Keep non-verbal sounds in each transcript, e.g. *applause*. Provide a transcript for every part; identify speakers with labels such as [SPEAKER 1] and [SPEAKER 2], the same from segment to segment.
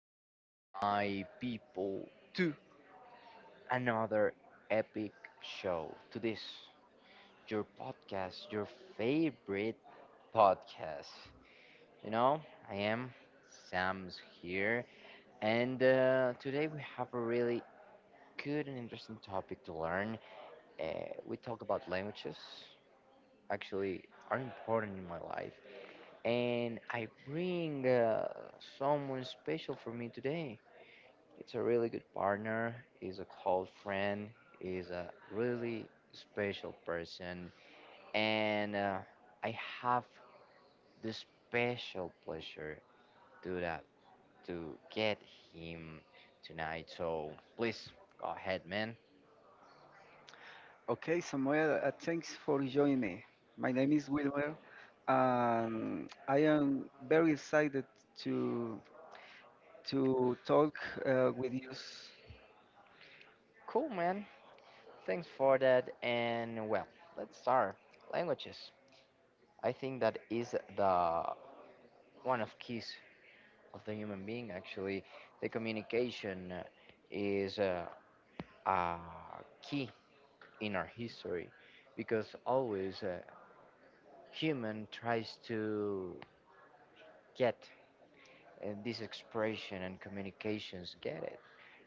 [SPEAKER 1] again, my people, to another epic show. To this, your podcast, your favorite podcast. You know, I am Sam's here, and today we have a really good and interesting topic to learn. Uh, we talk about languages, actually, are important in my life, and I bring someone special for me today. It's a really good partner, is a close friend, is a really special person, and I have the special pleasure to that to get him tonight. So please go ahead, man.
[SPEAKER 2] Okay, Samuel, thanks for joining me. My name is Wilmer, and I am very excited to to talk with you.
[SPEAKER 1] Cool, man. Thanks for that. And well, let's start. Languages. I think that is the one of keys of the human being. Actually, the communication is a key in our history because always human tries to get this expression and communications get it,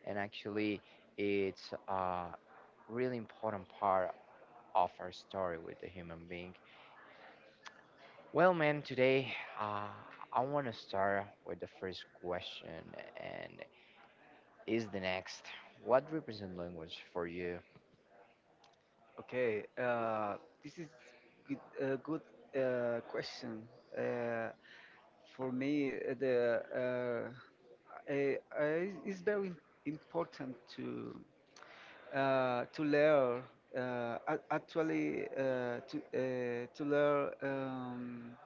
[SPEAKER 1] and actually it's a really important part of our story with the human being. Well, man, today uh, I want to start with the first question, and is the next: what represent language for you?
[SPEAKER 2] Okay, this is a good question. Uh, for me, uh, I, I, it's very important to learn. Ac- actually, to learn.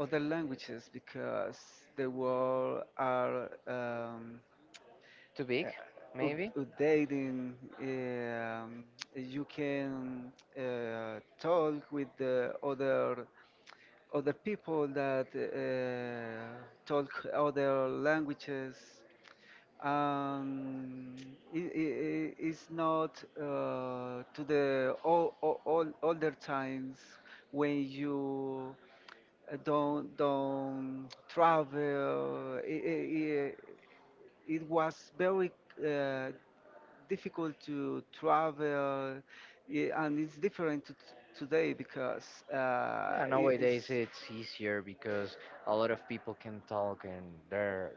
[SPEAKER 2] Other languages because the world are
[SPEAKER 1] Too big, maybe.
[SPEAKER 2] updating. Um, you can talk with the other people that talk other languages. Um, it's not to the all older times when you don't travel. It was very uh, difficult to travel, yeah, and it's different to today because
[SPEAKER 1] Yeah,
[SPEAKER 2] it is.
[SPEAKER 1] nowadays it's easier because a lot of people can talk and they're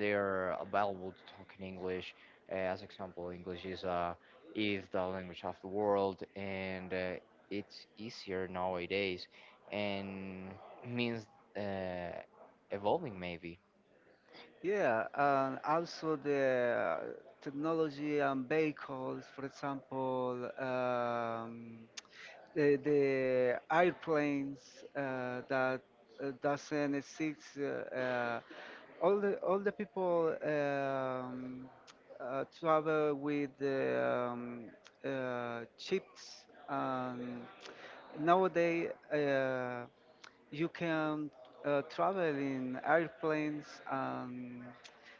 [SPEAKER 1] they're available to talk in English. As example, English is the language of the world, and it's easier nowadays, and means uh, evolving maybe.
[SPEAKER 2] Yeah, and also the technology and vehicles, for example, the airplanes that doesn't exist. Uh, all the all the people travel with the chips. And nowadays, you can travel in airplanes and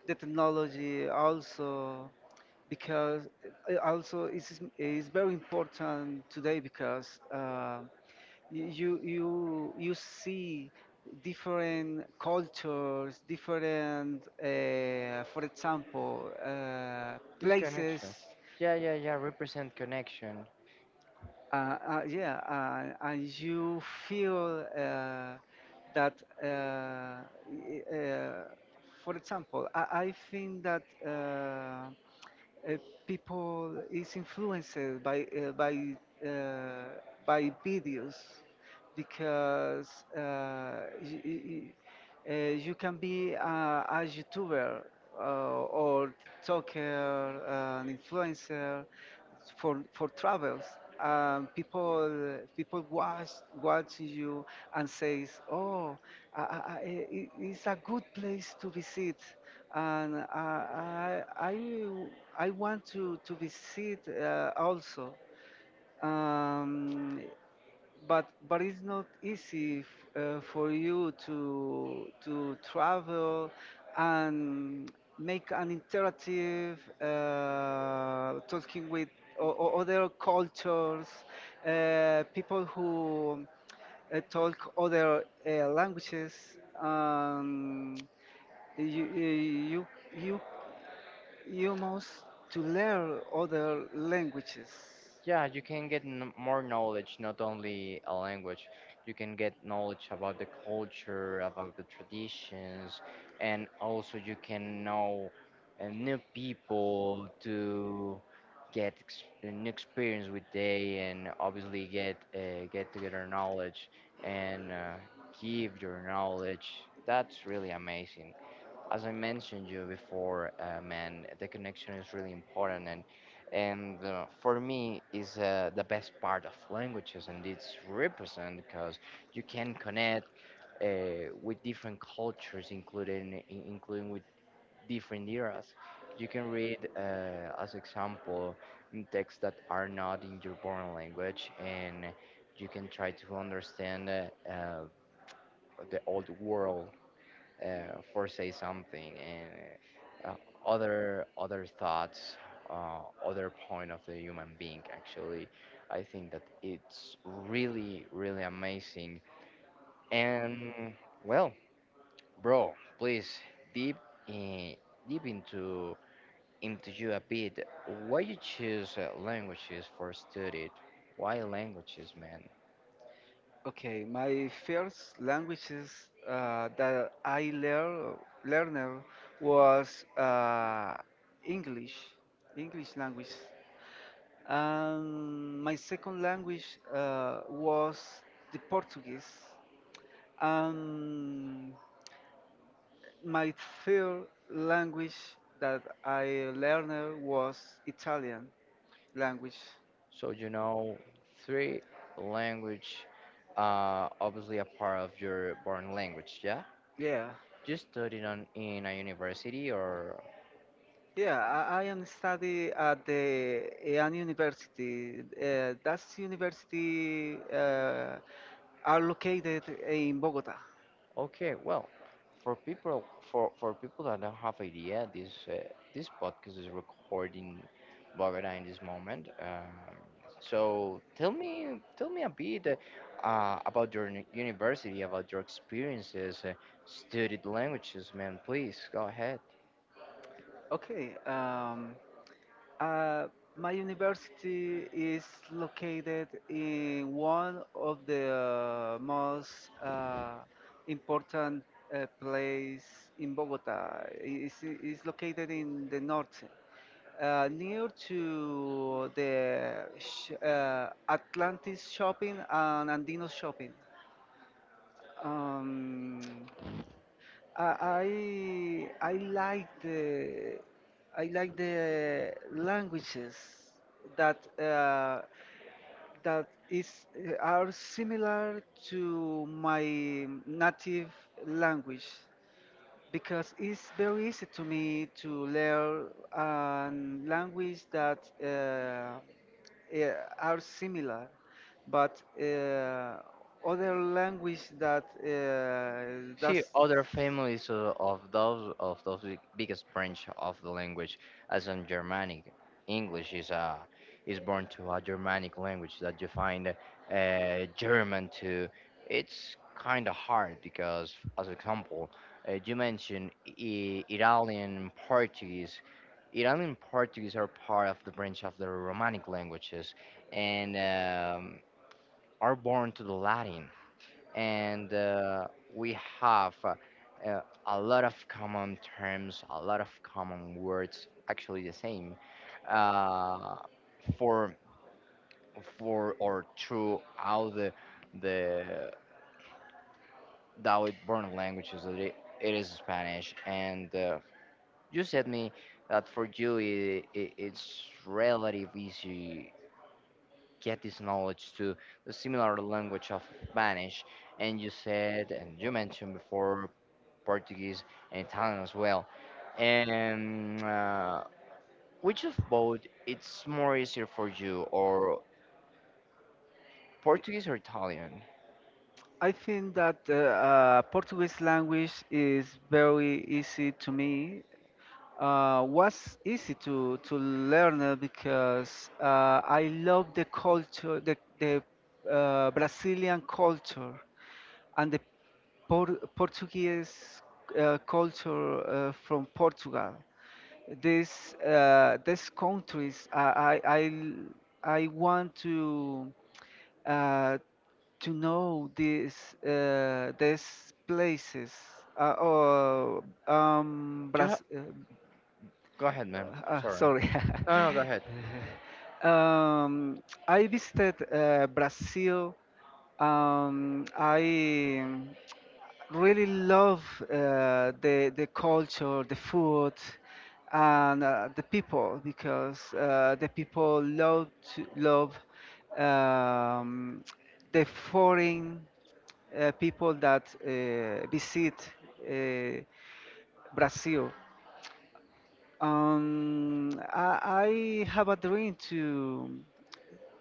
[SPEAKER 2] the technology also because also it's very important today because you see different cultures, different for example
[SPEAKER 1] This
[SPEAKER 2] places,
[SPEAKER 1] connection, yeah, yeah, yeah, represent connection.
[SPEAKER 2] yeah, and you feel that uh, y- uh, for example I think that uh, people is influenced by uh, by videos because uh, y- y- y- you can be a YouTuber or TikToker, an influencer for travels. People people watch you and says, "Oh, it's a good place to visit." And I want to visit also. Um, but but it's not easy for you to travel and make an interactive talking with other cultures, people who talk other languages. Um, you, you you you must to learn other languages.
[SPEAKER 1] Yeah, you can get more knowledge, not only a language. You can get knowledge about the culture, about the traditions, and also you can know new people to get a new experience with they, and obviously get together knowledge and give your knowledge. That's really amazing, as I mentioned you before. Man, the connection is really important, and for me is the best part of languages, and it's represent because you can connect with different cultures, including including with different eras. You can read, as example, texts that are not in your born language, and you can try to understand uh, the old world, foresee something, and uh, other thoughts, other point of the human being. Actually, I think that it's really really amazing. And well, bro, please deep in, deep into you a bit. Why you choose languages for study? Why languages, man?
[SPEAKER 2] Okay, my first languages that I learner was English, English language, and my second language was the Portuguese, and my third language that I learned was Italian language.
[SPEAKER 1] So you know three language, obviously a part of your born language, yeah?
[SPEAKER 2] Yeah,
[SPEAKER 1] You studied on in a university or
[SPEAKER 2] Yeah, I am study at the an university. That university are located in Bogota.
[SPEAKER 1] okay, well, for people for people that don't have idea, this this podcast is recording Bogota in this moment. So tell me a bit about your university, about your experiences, studied languages, man. Please go ahead.
[SPEAKER 2] Okay. Uh, my university is located in one of the most important place in Bogota. It's located in the north, near to the Atlantis shopping and Andino shopping. Um, I I I like the I like the languages that that is are similar to my native language because it's very easy to me to learn a language that are similar, but other language that
[SPEAKER 1] See,
[SPEAKER 2] does
[SPEAKER 1] other families of those biggest branch of the language, as in Germanic, English is a is born to a Germanic language that you find German to. It's kind of hard because, as example, you mentioned Italian Portuguese. Italian Portuguese are part of the branch of the Romanic languages and are born to the Latin, and we have a lot of common terms, a lot of common words, actually the same, uh, for for or throughout the the Dawood born languages. It is Spanish, and you said me that for you it's relative easy get this knowledge to the similar language of Spanish, and you said and you mentioned before Portuguese, and Italian as well. And which of both it's more easier for you, or Portuguese or Italian?
[SPEAKER 2] I think that the Portuguese language is very easy to me. Was easy to learn because I love the culture, the Brazilian culture and the Portuguese culture from Portugal. This this countries I I want uh, to know these places. Uh, or um,
[SPEAKER 1] You ha-
[SPEAKER 2] Bras- uh,
[SPEAKER 1] Go ahead, man. Sorry.
[SPEAKER 2] sorry.
[SPEAKER 1] No, no, go ahead.
[SPEAKER 2] *laughs* um, I visited Brazil. I really love the culture, the food, and the people because the people love love um, the foreign people that visit uh, Brazil. I have a dream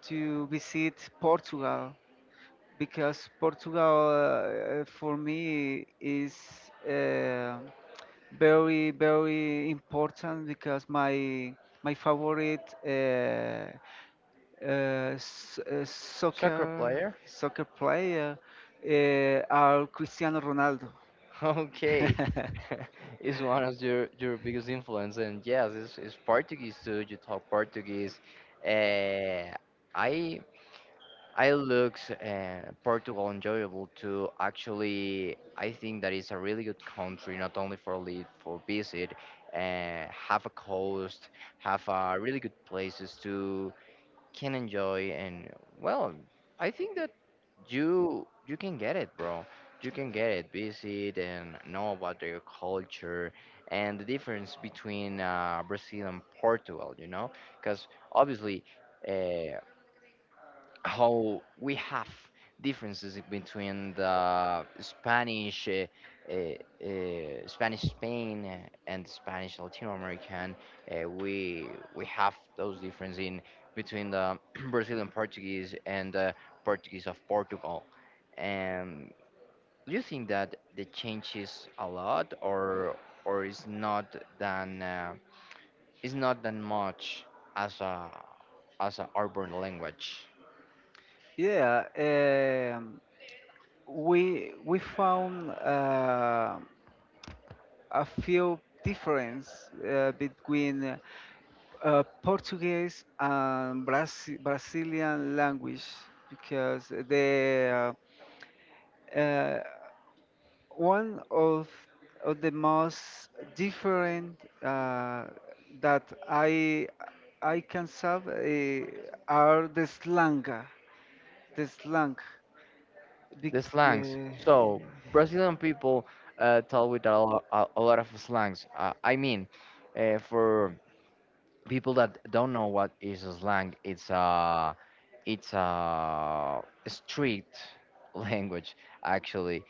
[SPEAKER 2] to visit Portugal because Portugal for me is. Uh, Very very important because my favorite
[SPEAKER 1] Soccer
[SPEAKER 2] soccer
[SPEAKER 1] player. *laughs*
[SPEAKER 2] soccer player are Cristiano Ronaldo.
[SPEAKER 1] Okay. *laughs* Is one of your biggest influence, and yes it's Portuguese too, you talk Portuguese. Uh, I It looks Portugal enjoyable too, actually. I think that it's a really good country, not only for live, for visit. uh, have a coast, have really good places to can enjoy, and well, I think that you can get it, bro. You can get it, visit and know about their culture and the difference between Brazil and Portugal. You know, because obviously. Uh, how we have differences between the Spanish, Spanish Spain and Spanish Latin American. Uh, we we have those differences in between the *clears throat* Brazilian Portuguese and the Portuguese of Portugal. And do you think that the changes a lot, or is not than is not that much as a as a urban language?
[SPEAKER 2] *laughs* yeah, we found a few difference between Portuguese and Brazilian language because the uh, one of the most different uh, that I I can solve are the slang, the slang.
[SPEAKER 1] The
[SPEAKER 2] Bec-
[SPEAKER 1] slangs.
[SPEAKER 2] uh,
[SPEAKER 1] So Brazilian people talk with a lot, a lot of slangs. I mean, for people that don't know what is a slang, it's a street language actually.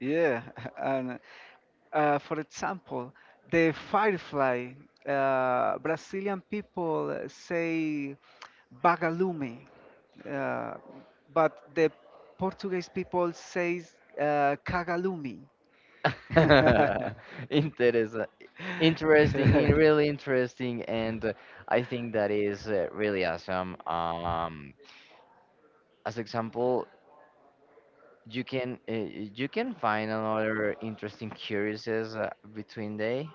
[SPEAKER 2] yeah, *laughs* and for example, the firefly. Brazilian people say bagalume, uh, but the Portuguese people says cagalume.
[SPEAKER 1] *laughs*
[SPEAKER 2] *laughs*
[SPEAKER 1] Interes- Interesting, really interesting, and
[SPEAKER 2] *laughs*
[SPEAKER 1] I think that is really awesome. As example, you can uh, you can find another interesting curiouses between day,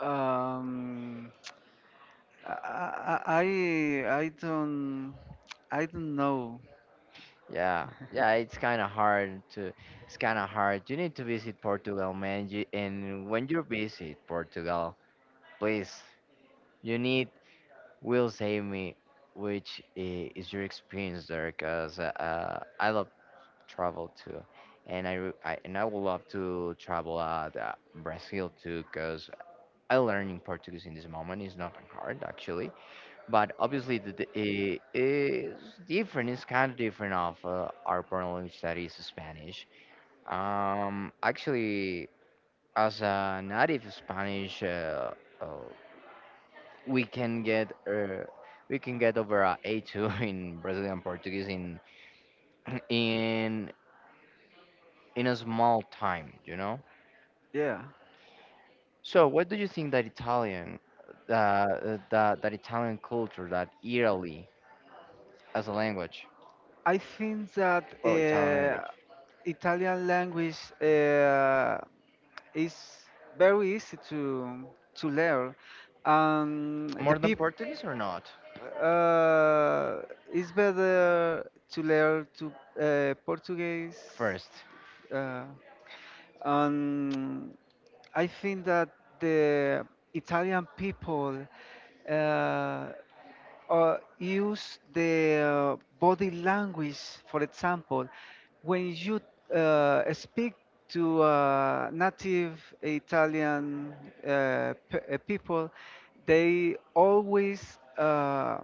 [SPEAKER 2] um, I, I I I don't know.
[SPEAKER 1] yeah, yeah, it's kind of hard to it's kind of hard. You need to visit Portugal, man, you, and when you visit Portugal, please you need will save me which is your experience there, because I love travel too, and I, and I would love to travel out Brazil too, because I learning Portuguese in this moment is not that hard actually. But obviously the it is different, it's kind of different of our parent language that is Spanish. Actually, as a native Spanish, uh, we can get uh, we can get over a a2 *laughs* in Brazilian Portuguese in *clears throat* in in a small time, you know.
[SPEAKER 2] Yeah,
[SPEAKER 1] So what do you think that Italian, that Italian culture, that Italy as a language?
[SPEAKER 2] I think that
[SPEAKER 1] Well, Italian language,
[SPEAKER 2] Italian language uh, is very easy to learn. The
[SPEAKER 1] more than
[SPEAKER 2] people
[SPEAKER 1] Portuguese or not
[SPEAKER 2] uh, it's better to learn to Portuguese.
[SPEAKER 1] first.
[SPEAKER 2] Uh, Um, I think that the Italian people uh, use the body language, for example, when you speak to native Italian people, they always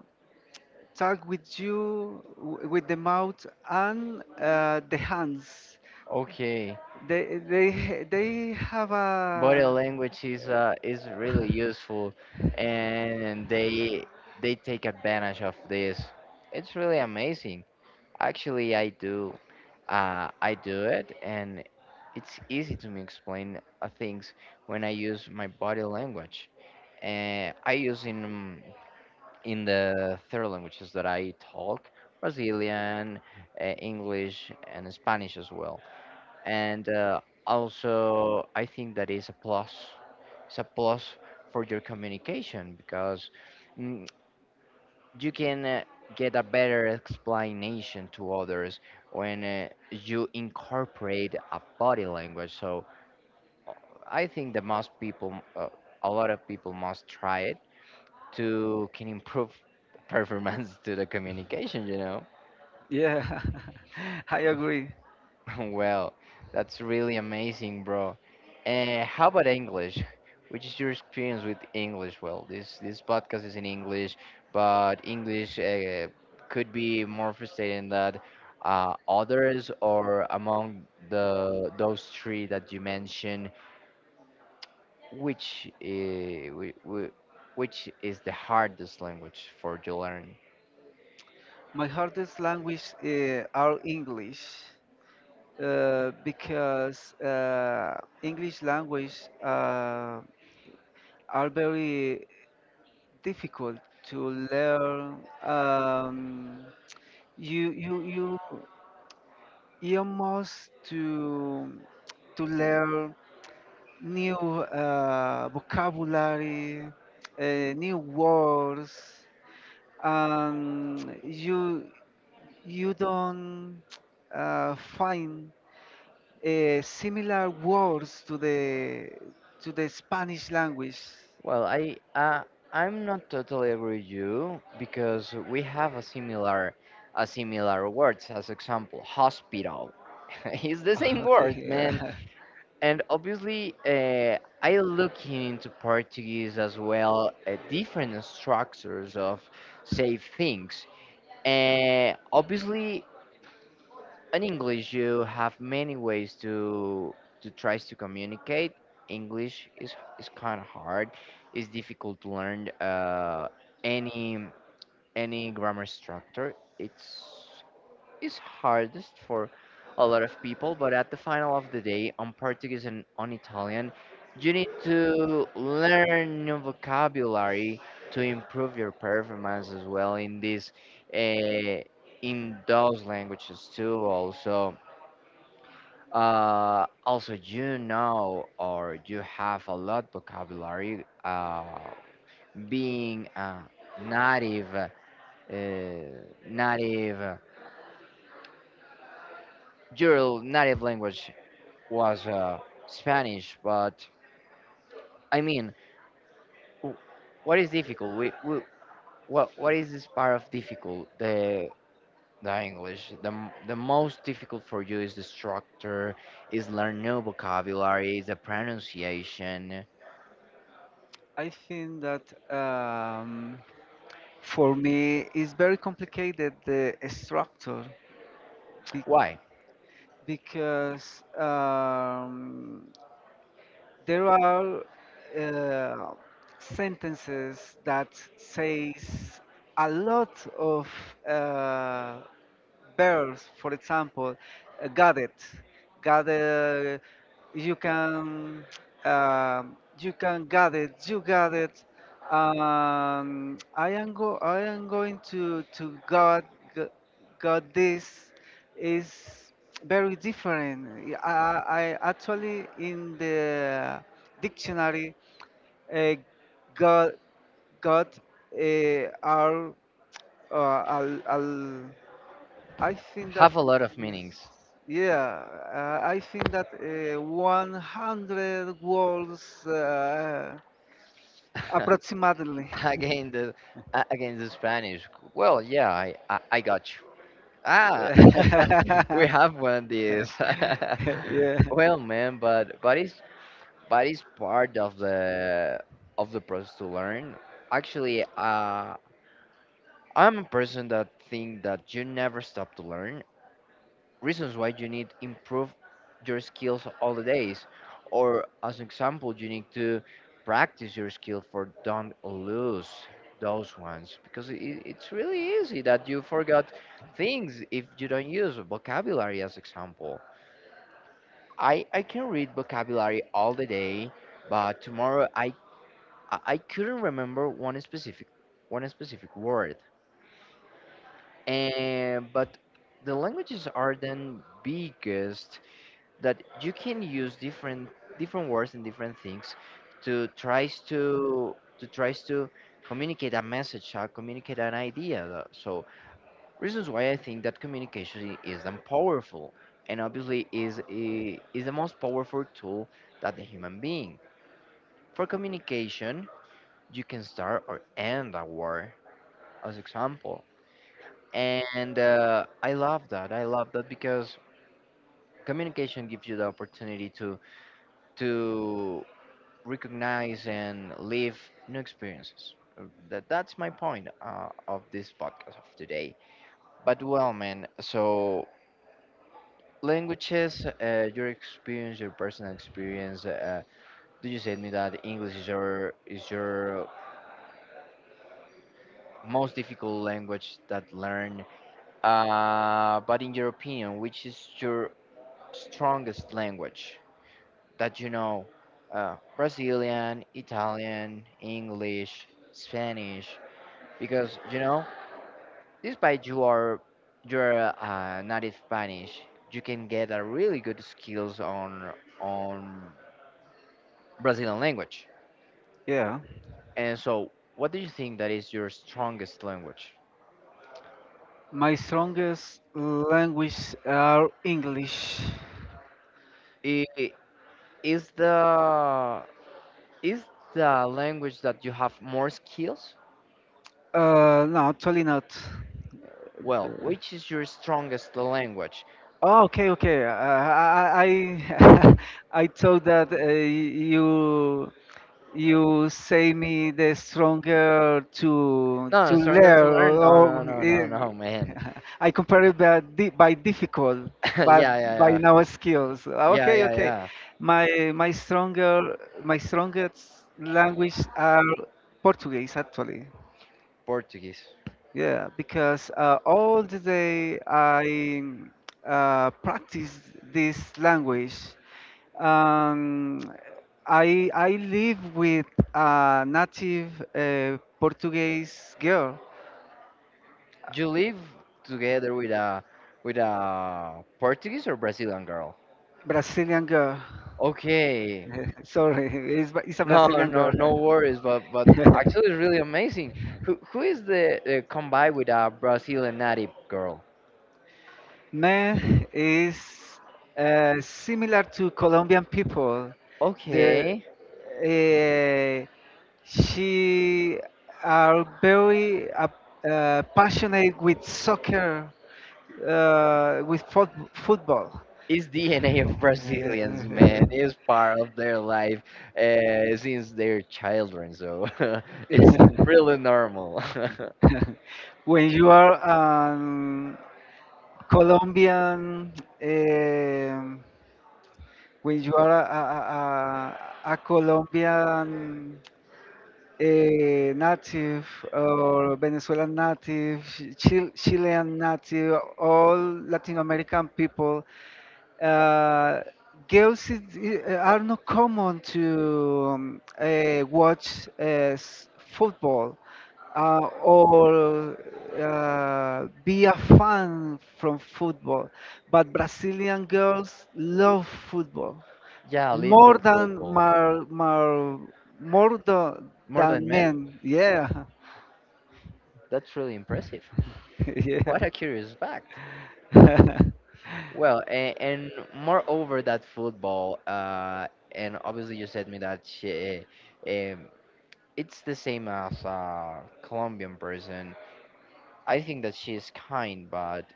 [SPEAKER 2] talk with you with the mouth and the hands.
[SPEAKER 1] Okay,
[SPEAKER 2] They they have
[SPEAKER 1] body
[SPEAKER 2] a
[SPEAKER 1] language is really useful,
[SPEAKER 2] *laughs*
[SPEAKER 1] and they take advantage of this. It's really amazing. Actually, I do it, and it's easy to me explain things when I use my body language. I use in the third languages that I talk, Brazilian, English, and Spanish as well, and also I think that is a plus. It's a plus for your communication because mm, you can get a better explanation to others when you incorporate a body language. So uh, I think that most people, a lot of people, must try it to can improve performance *laughs* to the communication. You know.
[SPEAKER 2] yeah. *laughs* I agree.
[SPEAKER 1] *laughs* Well, that's really amazing, bro. And how about English? Which is your experience with English? Well, this podcast is in English, but English could be more frustrating than others or among the those three that you mentioned. Which which is the hardest language for you learn?
[SPEAKER 2] My hardest language are English because English language are very difficult to learn. You you you you must to learn new vocabulary, uh, new words, and you don't find similar words to the Spanish language. *laughs*
[SPEAKER 1] Well, I'm not totally agree with you because we have a similar words, as example hospital. *laughs* It's the same
[SPEAKER 2] Okay,
[SPEAKER 1] word, man.
[SPEAKER 2] yeah.
[SPEAKER 1] And obviously, I look into Portuguese as well, different structures of say things. Obviously, in English, you have many ways to try to communicate. English is kind of hard. It's difficult to learn any any grammar structure. It's hardest for a lot of people. But at the final of the day, on Portuguese and on Italian, you need to learn new vocabulary to improve your performance as well in this uh, in those languages too. Also also, you know, or you have a lot vocabulary. Being a native, native, your native language was Spanish, but I mean, w- what is difficult? What is this part of difficult? The English, the the most difficult for you is the structure, is learn new vocabulary, is the pronunciation.
[SPEAKER 2] I think that um, for me it's very complicated the structure be-
[SPEAKER 1] Why?
[SPEAKER 2] because there are uh, sentences that says a lot of uh, Birds, for example, uh, gadget, gadget. You can you can gadget. You gadget. I am go. I am going to God. God, this is very different. I I I actually in the dictionary, uh, God, God are uh, al, al, I think that
[SPEAKER 1] Have a lot of
[SPEAKER 2] is,
[SPEAKER 1] meanings.
[SPEAKER 2] yeah, I think that 100 words approximately.
[SPEAKER 1] *laughs* Again the against the Spanish. Well, yeah, I got you. Ah,
[SPEAKER 2] *laughs*
[SPEAKER 1] *laughs* we have won this. *laughs*
[SPEAKER 2] yeah,
[SPEAKER 1] Well, man, but it's part of the process to learn. Actually, I'm a person that think that you never stop to learn reasons why you need improve your skills all the days or as an example you need to practice your skill for don't lose those ones because it's really easy that you forgot things if you don't use vocabulary as example I can read vocabulary all the day but tomorrow I I couldn't remember one specific word and but the languages are then biggest that you can use different words and different things to tries to communicate a message, communicate an idea, so reasons why I think that communication is then powerful and obviously is is the most powerful tool that the human being for communication you can start or end a war as example. And I love that, I love that because communication gives you the opportunity to recognize and live new experiences. That's my point of this podcast of today. But well, man, so languages, your experience, your personal experience. Did you say to me that English is your most difficult language that learn? But in your opinion, which is your strongest language that you know? Brazilian, Italian, English, Spanish. Because you know, despite you are you're native Spanish, you can get a really good skills on Brazilian language.
[SPEAKER 2] yeah.
[SPEAKER 1] And so, what do you think that is your strongest language?
[SPEAKER 2] My strongest language are English.
[SPEAKER 1] I- i- Is the is the language that you have more skills?
[SPEAKER 2] No, actually not.
[SPEAKER 1] Well, which is your strongest language?
[SPEAKER 2] Oh, okay, okay. I *laughs* I thought that you say me the stronger to
[SPEAKER 1] No, no, stronger to
[SPEAKER 2] learn
[SPEAKER 1] learn? No, no,
[SPEAKER 2] or
[SPEAKER 1] no, no, no, man.
[SPEAKER 2] *laughs* I compare it by difficult
[SPEAKER 1] *laughs* Yeah,
[SPEAKER 2] but
[SPEAKER 1] yeah,
[SPEAKER 2] by
[SPEAKER 1] yeah,
[SPEAKER 2] now skills,
[SPEAKER 1] yeah,
[SPEAKER 2] okay,
[SPEAKER 1] yeah,
[SPEAKER 2] okay.
[SPEAKER 1] yeah.
[SPEAKER 2] My my stronger my strongest language are Portuguese actually,
[SPEAKER 1] Portuguese.
[SPEAKER 2] yeah, because all the day I practice this language. Um, I I live with a native Portuguese girl,
[SPEAKER 1] You live together with a Portuguese or Brazilian girl?
[SPEAKER 2] Brazilian girl.
[SPEAKER 1] Okay.
[SPEAKER 2] *laughs* Sorry, it's a
[SPEAKER 1] No,
[SPEAKER 2] Brazilian
[SPEAKER 1] no,
[SPEAKER 2] girl.
[SPEAKER 1] no worries. But actually, it's
[SPEAKER 2] *laughs*
[SPEAKER 1] really amazing. Who is the combined with a Brazilian native girl?
[SPEAKER 2] Man is similar to Colombian people. The
[SPEAKER 1] Okay.
[SPEAKER 2] uh, she are very passionate with soccer with football.
[SPEAKER 1] It's DNA of *laughs*
[SPEAKER 2] *laughs*
[SPEAKER 1] Brazilians, man. It's part of their life since they're children, so *laughs* it's really normal. *laughs*
[SPEAKER 2] When you are Colombian, um when you are a Colombian native or Venezuelan native, Chilean native, all Latin American people uh, girls are not common to watch football or be a fan from football, but Brazilian girls love football
[SPEAKER 1] Yeah, live for
[SPEAKER 2] more than
[SPEAKER 1] football.
[SPEAKER 2] mar, mar, more
[SPEAKER 1] More than
[SPEAKER 2] than
[SPEAKER 1] men?
[SPEAKER 2] men. Yeah,
[SPEAKER 1] That's really impressive.
[SPEAKER 2] *laughs* yeah.
[SPEAKER 1] What a curious fact.
[SPEAKER 2] *laughs*
[SPEAKER 1] Well, and moreover, that football, and obviously you said me that she, um, it's the same as a Colombian person. I think that she is kind, but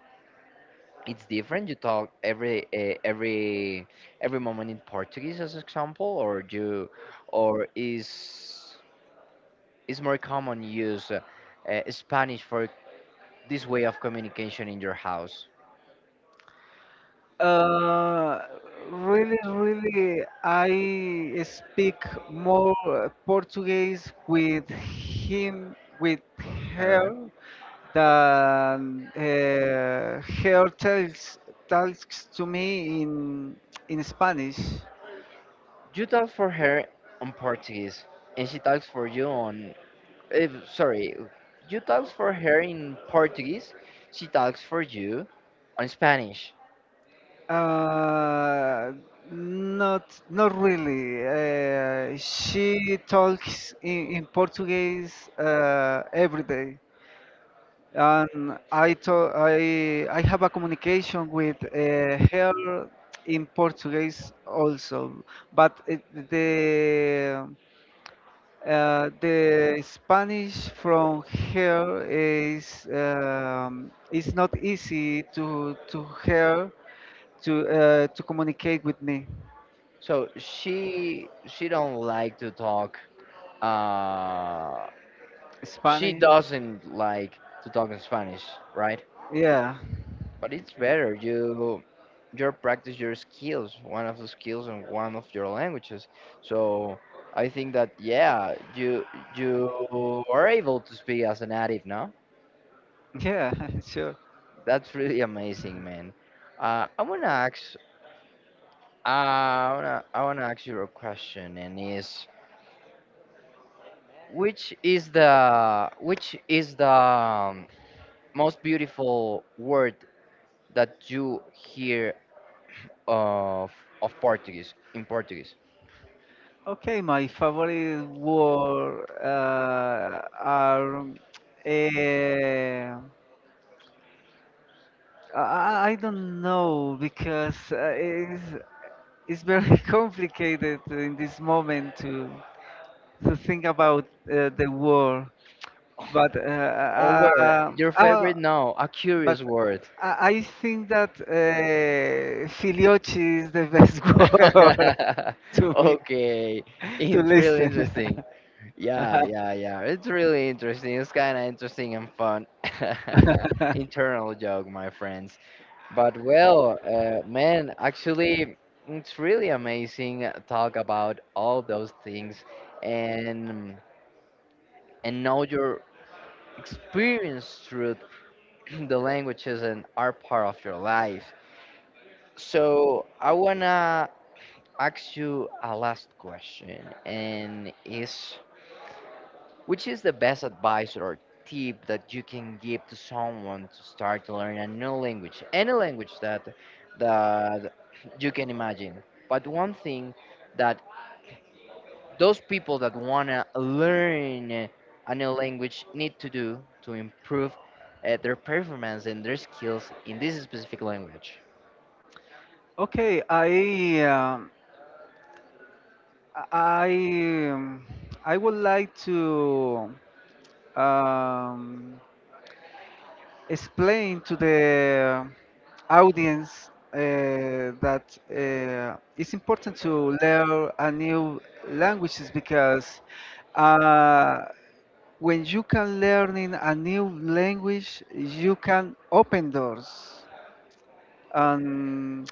[SPEAKER 1] it's different. You talk every moment in Portuguese, as example, or you, or is more common use Spanish for this way of communication in your house?
[SPEAKER 2] Uh, really, I speak more Portuguese with him, with
[SPEAKER 1] Her.
[SPEAKER 2] her, than her tells talks to me in Spanish.
[SPEAKER 1] You talk for her on Portuguese, and she talks for you on. Eh, sorry, you talks for her in Portuguese. She talks for you on Spanish.
[SPEAKER 2] Uh, not not really. She talks in Portuguese every day. And I I have a communication with her in Portuguese also, but the the Spanish from her is not easy to her to communicate with me.
[SPEAKER 1] So she don't like to talk. Uh, she
[SPEAKER 2] Spanish,
[SPEAKER 1] doesn't like to talk in Spanish, right?
[SPEAKER 2] yeah,
[SPEAKER 1] But it's better you you practice your skills, one of the skills and one of your languages. So I think that yeah, you are able to speak as a native, no?
[SPEAKER 2] *laughs* yeah, sure.
[SPEAKER 1] That's really amazing, man. Uh, I wanna ask, I wanna ask you a question, and is which is the most beautiful word that you hear of of Portuguese in Portuguese?
[SPEAKER 2] Okay, my favorite word are eh, I don't know because it's very *laughs* complicated in this moment to think about the war.
[SPEAKER 1] *laughs*
[SPEAKER 2] But uh,
[SPEAKER 1] Or word,
[SPEAKER 2] uh,
[SPEAKER 1] your
[SPEAKER 2] uh,
[SPEAKER 1] favorite? No, a
[SPEAKER 2] but
[SPEAKER 1] curious word. *laughs*
[SPEAKER 2] I think that filiochi is the best *laughs* word to me
[SPEAKER 1] Okay,
[SPEAKER 2] to
[SPEAKER 1] it's really
[SPEAKER 2] listen.
[SPEAKER 1] interesting. Yeah, yeah, yeah. It's really interesting. It's kind of interesting and fun. *laughs*
[SPEAKER 2] *laughs*
[SPEAKER 1] Internal joke, my friends. But well, man, actually, it's really amazing talk about all those things and and know your experience through *clears throat* the languages and are part of your life. So I wanna ask you a last question, and is which is the best advice or tip that you can give to someone to start to learn a new language, any language that that you can imagine. But one thing that those people that wanna learn a new language need to do to improve their performance and their skills in this specific language.
[SPEAKER 2] Okay, I um, I would like to um, explain to the audience that it's important to learn a new languages because uh, when you can learn in a new language, you can open doors. Um,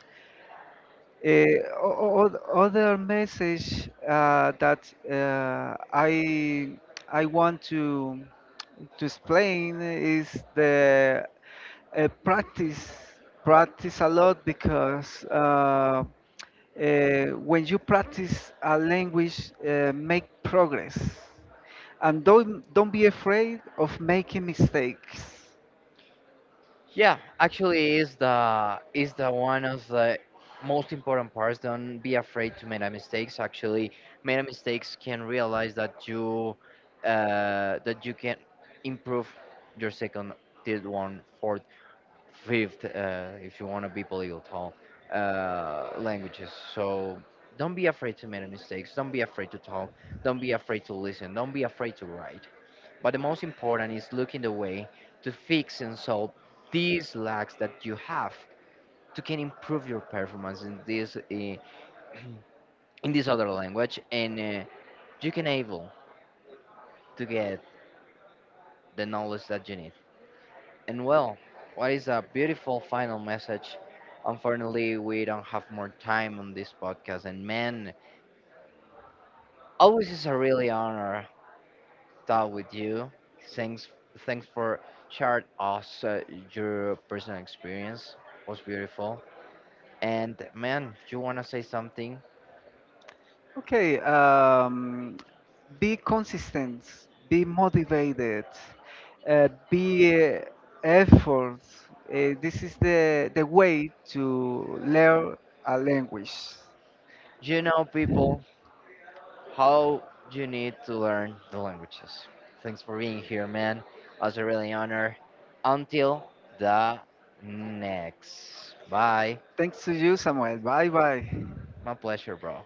[SPEAKER 2] Other message that I I want to explain is the uh, practice practice a lot because uh, when you practice a language, make progress, and don't be afraid of making mistakes.
[SPEAKER 1] Yeah, actually, is the one of the most important parts. Don't be afraid to make a mistakes. Actually, make a mistakes can realize that you can improve your second, third one, fourth, fifth, if you want to be polyglot languages. So don't be afraid to make a mistakes. Don't be afraid to talk. Don't be afraid to listen. Don't be afraid to write. But the most important is looking the way to fix and solve these lacks that you have to can improve your performance in this *clears throat* in this other language and you can able to get the knowledge that you need. And well, what is a beautiful final message? Unfortunately, we don't have more time on this podcast and man, always is a really honor talk with you. Thanks thanks for sharing us your personal experience. Was beautiful. And man, you want to say something?
[SPEAKER 2] Okay, be consistent, be motivated, be effort. This is the way to learn a language.
[SPEAKER 1] You know, people, how you need to learn the languages. Thanks for being here, man. I was a really honor. Until the next. Bye.
[SPEAKER 2] Thanks to you, Samuel. Bye bye.
[SPEAKER 1] My pleasure, bro.